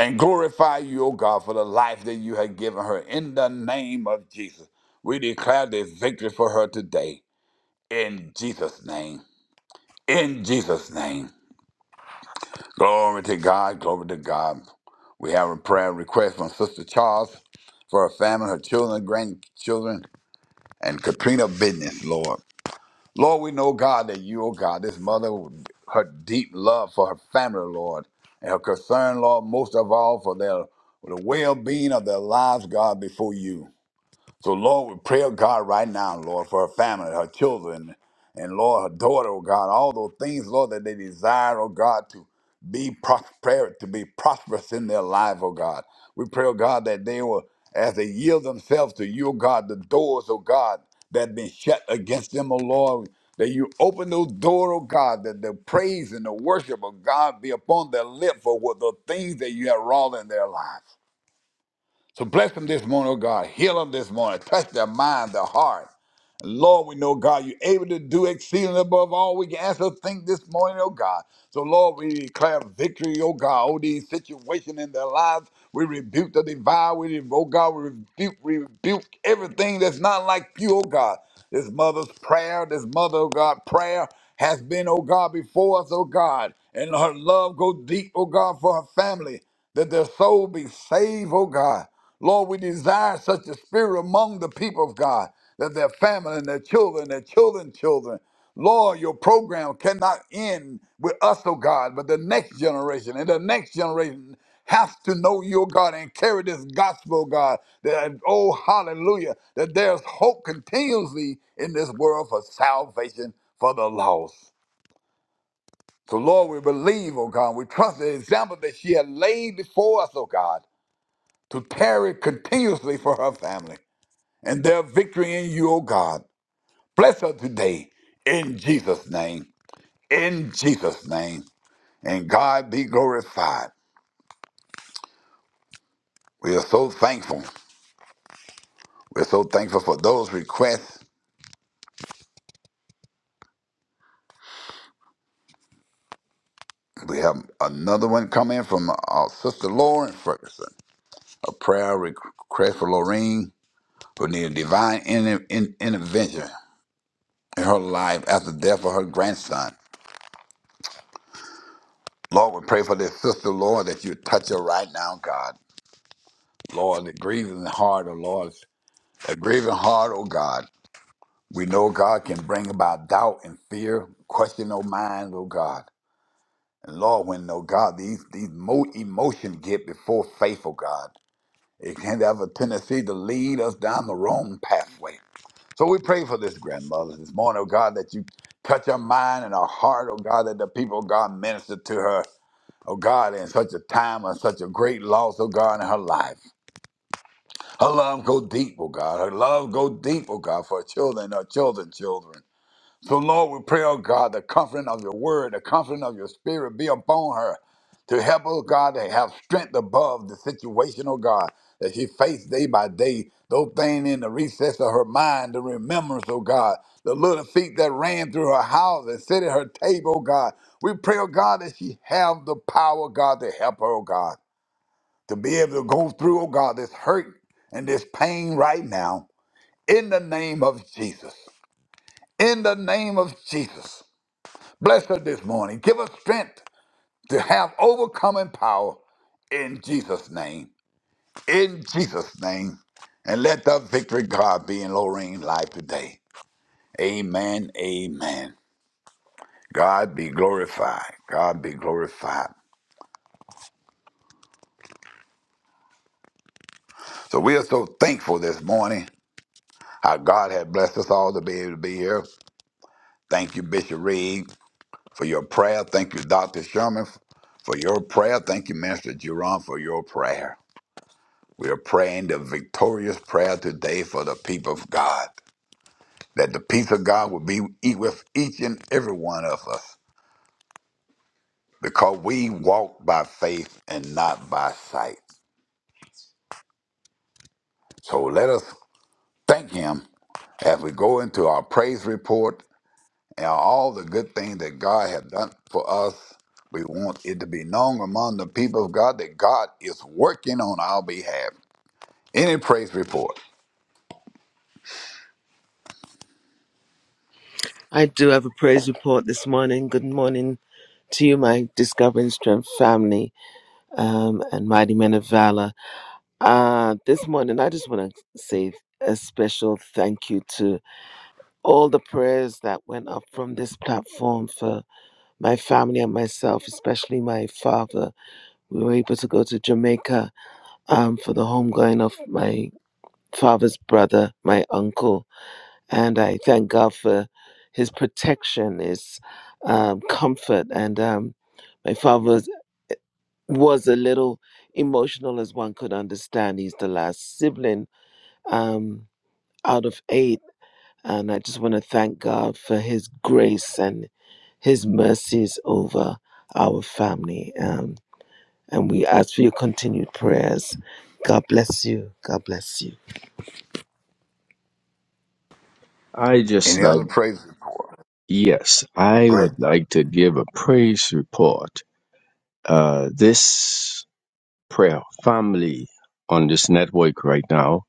[SPEAKER 2] and glorify you, O God, for the life that you have given her. In the name of Jesus, we declare the victory for her today. In Jesus' name. In Jesus' name. Glory to God. Glory to God. We have a prayer request from Sister Charles for her family, her children, grandchildren, and Katrina business, Lord. Lord, we know, God, that you, oh God, this mother, her deep love for her family, Lord, and her concern, Lord, most of all for their for the well being of their lives, God, before you. So, Lord, we pray, oh God, right now, Lord, for her family, her children, and Lord, her daughter, oh God, all those things, Lord, that they desire, oh God, to be prosperous, to be prosperous in their life, oh God. We pray, oh God, that they will, as they yield themselves to you, oh God, the doors, oh God, that have been shut against them, oh Lord, that you open those doors, oh God, that the praise and the worship of God be upon their lip for what the things that you have wrought in their lives. So bless them this morning, oh God. Heal them this morning. Touch their mind, their heart. Lord, we know, God, you're able to do exceeding above all we can ask or think this morning, oh God. So, Lord, we declare victory, oh God, over these situations in their lives. We rebuke the devour. We, re- oh God, we rebuke, we rebuke everything that's not like you, oh God. This mother's prayer, this mother, oh God, prayer has been, oh God, before us, oh God. And her love go deep, oh God, for her family, that their soul be saved, oh God. Lord, we desire such a spirit among the people of God that their family and their children, their children, children. Lord, your program cannot end with us, oh God, but the next generation and the next generation has to know your God and carry this gospel, oh God. That oh hallelujah, that there's hope continuously in this world for salvation for the lost. So Lord, we believe, oh God, we trust the example that she had laid before us, oh God to tarry continuously for her family and their victory in you, O God. Bless her today in Jesus' name. In Jesus' name. And God be glorified. We are so thankful. We're so thankful for those requests. We have another one come in from our sister Lauren Ferguson. A prayer request for Lorraine, who needed divine inter- in- intervention in her life after the death of her grandson. Lord, we pray for this sister, Lord, that you touch her right now, God. Lord, the grieving heart, oh Lord, a grieving heart, oh God. We know God can bring about doubt and fear, question of mind, oh God. And Lord, when oh God, these these mo- emotions get before faith, oh God, it can have a tendency to lead us down the wrong pathway. So we pray for this grandmother this morning, oh God, that you touch her mind and her heart, oh God, that the people of God minister to her, oh God, in such a time of such a great loss, oh God, in her life. Her love go deep, oh God. Her love go deep, oh God, for her children, our children, children. So Lord, we pray, oh God, the comfort of your word, the comfort of your spirit be upon her to help, oh God, to have strength above the situation, oh God, that she faced day by day. Those things in the recess of her mind, the remembrance, oh God, the little feet that ran through her house and sit at her table, oh God. We pray, oh God, that she have the power, God, to help her, oh God to be able to go through, oh God, this hurt and this pain right now in the name of Jesus. In the name of Jesus. Bless her this morning. Give her strength to have overcoming power in Jesus' name. In Jesus' name. And let the victory, God, be in Lorraine's life today. Amen. Amen. God be glorified. God be glorified. So we are so thankful this morning how God had blessed us all to be able to be here. Thank you, Bishop Reed. for your prayer. Thank you, Dr. Sherman, for your prayer. Thank you, Minister Jerome, for your prayer. We are praying the victorious prayer today for the people of God, that the peace of God will be e- with each and every one of us, because we walk by faith and not by sight. So let us thank Him as we go into our praise report and all the good things that God has done for us. We want it to be known among the people of God that God is working on our behalf. Any praise report?
[SPEAKER 1] I do have a praise report this morning. Good morning to you, my Discovering Strength family um, and Mighty Men of Valor. Uh, this morning, I just want to say a special thank you to all the prayers that went up from this platform for my family and myself, especially my father. We were able to go to Jamaica um, for the homegoing of my father's brother, my uncle. And I thank God for his protection, his um, comfort. And um, my father was, was a little emotional, as one could understand. He's the last sibling um, out of eight. And I just want to thank God for his grace and his mercies over our family. Um, And we ask for your continued prayers. God bless you. God bless you.
[SPEAKER 4] I just
[SPEAKER 2] Any
[SPEAKER 4] like
[SPEAKER 2] other praise report?
[SPEAKER 4] Yes, I
[SPEAKER 2] Praise
[SPEAKER 4] would
[SPEAKER 2] the,
[SPEAKER 4] like to give a praise report. Uh, this prayer family on this network right now,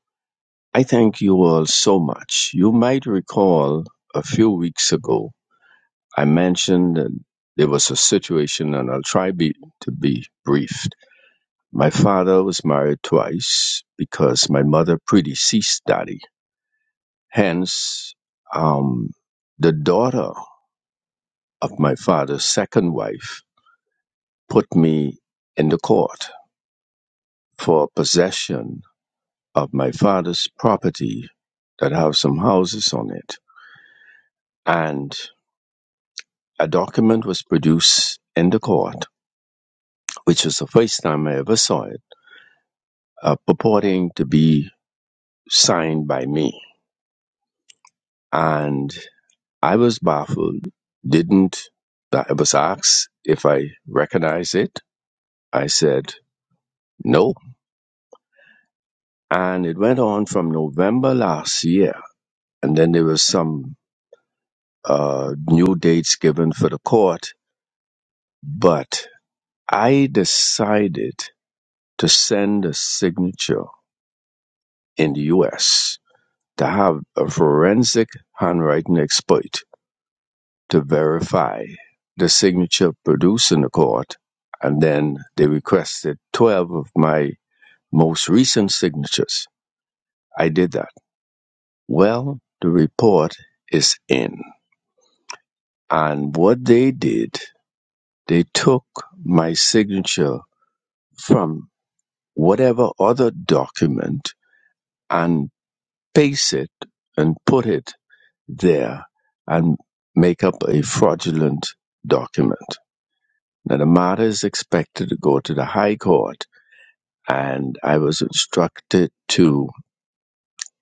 [SPEAKER 4] I thank you all so much. You might recall a few weeks ago, I mentioned that there was a situation, and I'll try be, to be brief. My father was married twice because my mother predeceased daddy. Hence, um, the daughter of my father's second wife put me in the court for possession of my father's property that have some houses on it. And a document was produced in the court, which was the first time I ever saw it, uh, purporting to be signed by me. And I was baffled, didn't, I was asked if I recognized it. I said, no. And it went on from November last year. And then there was some uh, new dates given for the court, but I decided to send a signature in the U.S. to have a forensic handwriting expert to verify the signature produced in the court, and then they requested 12 of my most recent signatures. I did that. Well, the report is in. And what they did, they took my signature from whatever other document and paste it and put it there and make up a fraudulent document. Now, the matter is expected to go to the High Court, and I was instructed to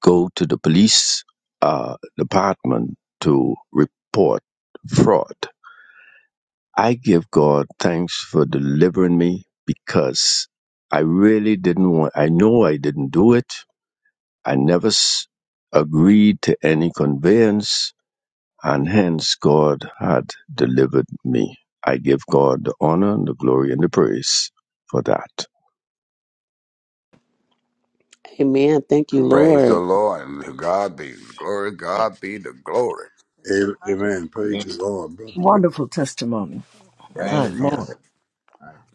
[SPEAKER 4] go to the police uh, department to report fraud. I give God thanks for delivering me because I really didn't want, I know I didn't do it I never s- agreed to any conveyance, and hence God had delivered me. I give God the honor and the glory and the praise for that.
[SPEAKER 6] Amen. Thank you,
[SPEAKER 2] Thank praise the
[SPEAKER 6] Lord.
[SPEAKER 2] Lord. And to God be the glory. God be the glory.
[SPEAKER 5] A- Amen. Praise the Lord, brother.
[SPEAKER 3] Wonderful testimony. My
[SPEAKER 2] Yes, it
[SPEAKER 3] Thank Lord.
[SPEAKER 2] is.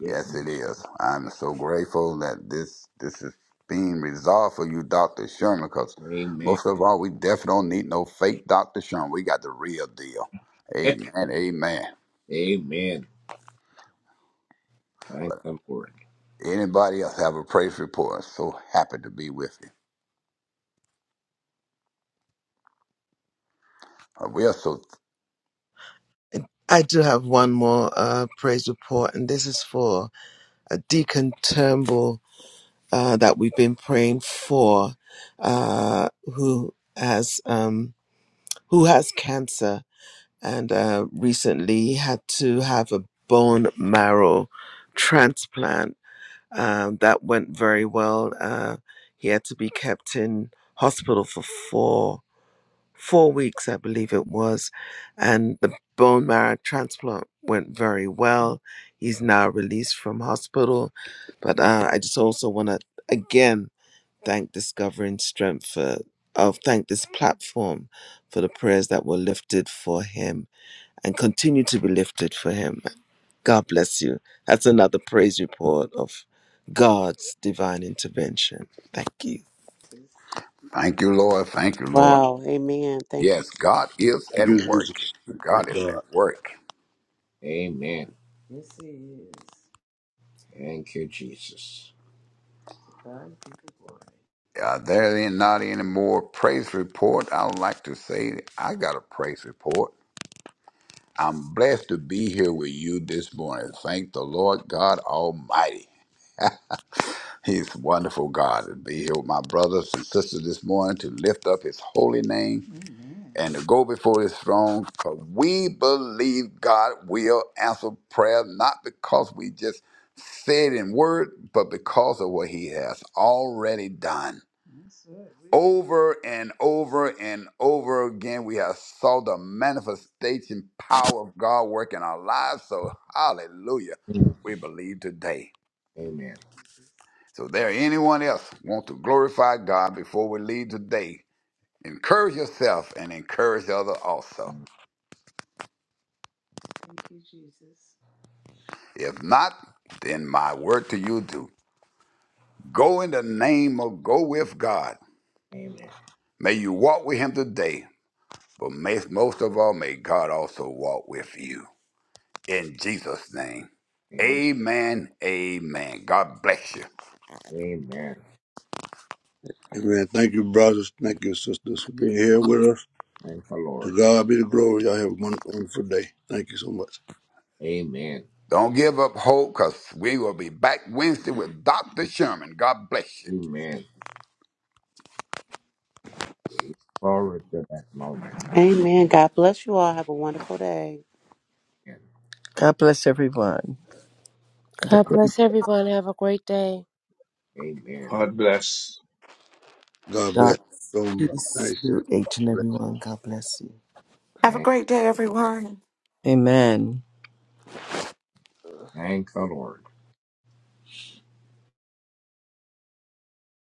[SPEAKER 2] Yes, it is. I'm
[SPEAKER 3] God.
[SPEAKER 2] so grateful that this this is being resolved for you, Dr. Sherman, because most of all, we definitely don't need no fake Dr. Sherman. We got the real deal. Amen. Amen. Anybody else have a praise report? So happy to be with you. Uh, We are so
[SPEAKER 1] I do have one more uh, praise report, and this is for uh, Deacon Turnbull uh, that we've been praying for, uh, who has um, who has cancer, and uh, recently he had to have a bone marrow transplant um, that went very well. Uh, he had to be kept in hospital for four four weeks, I believe it was, and the bone marrow transplant went very well. He's now released from hospital, but uh, I just also want to again thank Discovering Strength for, oh, thank this platform for the prayers that were lifted for him and continue to be lifted for him. God bless you. That's another praise report of God's divine intervention. Thank you.
[SPEAKER 2] thank you, Lord. Thank you, Lord.
[SPEAKER 6] Wow. Amen. Thank you.
[SPEAKER 2] Yes, God is
[SPEAKER 5] Thank
[SPEAKER 2] at
[SPEAKER 5] you,
[SPEAKER 2] work.
[SPEAKER 5] Jesus.
[SPEAKER 2] God
[SPEAKER 5] Thank
[SPEAKER 2] is
[SPEAKER 5] God.
[SPEAKER 2] at work. Uh, there ain't not any more praise report. I would like to say that I got a praise report. I'm blessed to be here with you this morning. Thank the Lord God Almighty. He's a wonderful God to be here with my brothers and sisters this morning to lift up His holy name and to go before his throne because we believe God will answer prayer, not because we just say it in word, but because of what he has already done. Over and over and over again, we have saw the manifestation power of God work in our lives. So hallelujah, we believe today. So there anyone else want to glorify God before we leave today, encourage yourself and encourage others also. If not, then my word to you to go in the name of go with God. May you walk with him today, but may, most of all, may God also walk with you. In Jesus' name. Amen. Amen. God bless you.
[SPEAKER 5] Amen. Thank you, brothers. Thank you, sisters, for being here with us. To God be the glory. Y'all have a won- wonderful day. Thank you so much.
[SPEAKER 3] Amen.
[SPEAKER 2] Don't give up hope because we will be back Wednesday with Dr. Sherman. God bless you.
[SPEAKER 3] Amen. Forward to that moment.
[SPEAKER 6] Amen. God bless you all. Have a wonderful day.
[SPEAKER 3] Amen. God bless everyone. Have a
[SPEAKER 7] God
[SPEAKER 3] great
[SPEAKER 7] bless everyone. Have a great day.
[SPEAKER 3] Amen.
[SPEAKER 4] God bless.
[SPEAKER 5] God bless
[SPEAKER 1] God's
[SPEAKER 5] you so much.
[SPEAKER 1] peace
[SPEAKER 5] Thank
[SPEAKER 1] to
[SPEAKER 5] you.
[SPEAKER 1] each and everyone. God bless you.
[SPEAKER 8] Have a
[SPEAKER 3] Thank,
[SPEAKER 8] great day, everyone.
[SPEAKER 3] Amen. thank the Lord.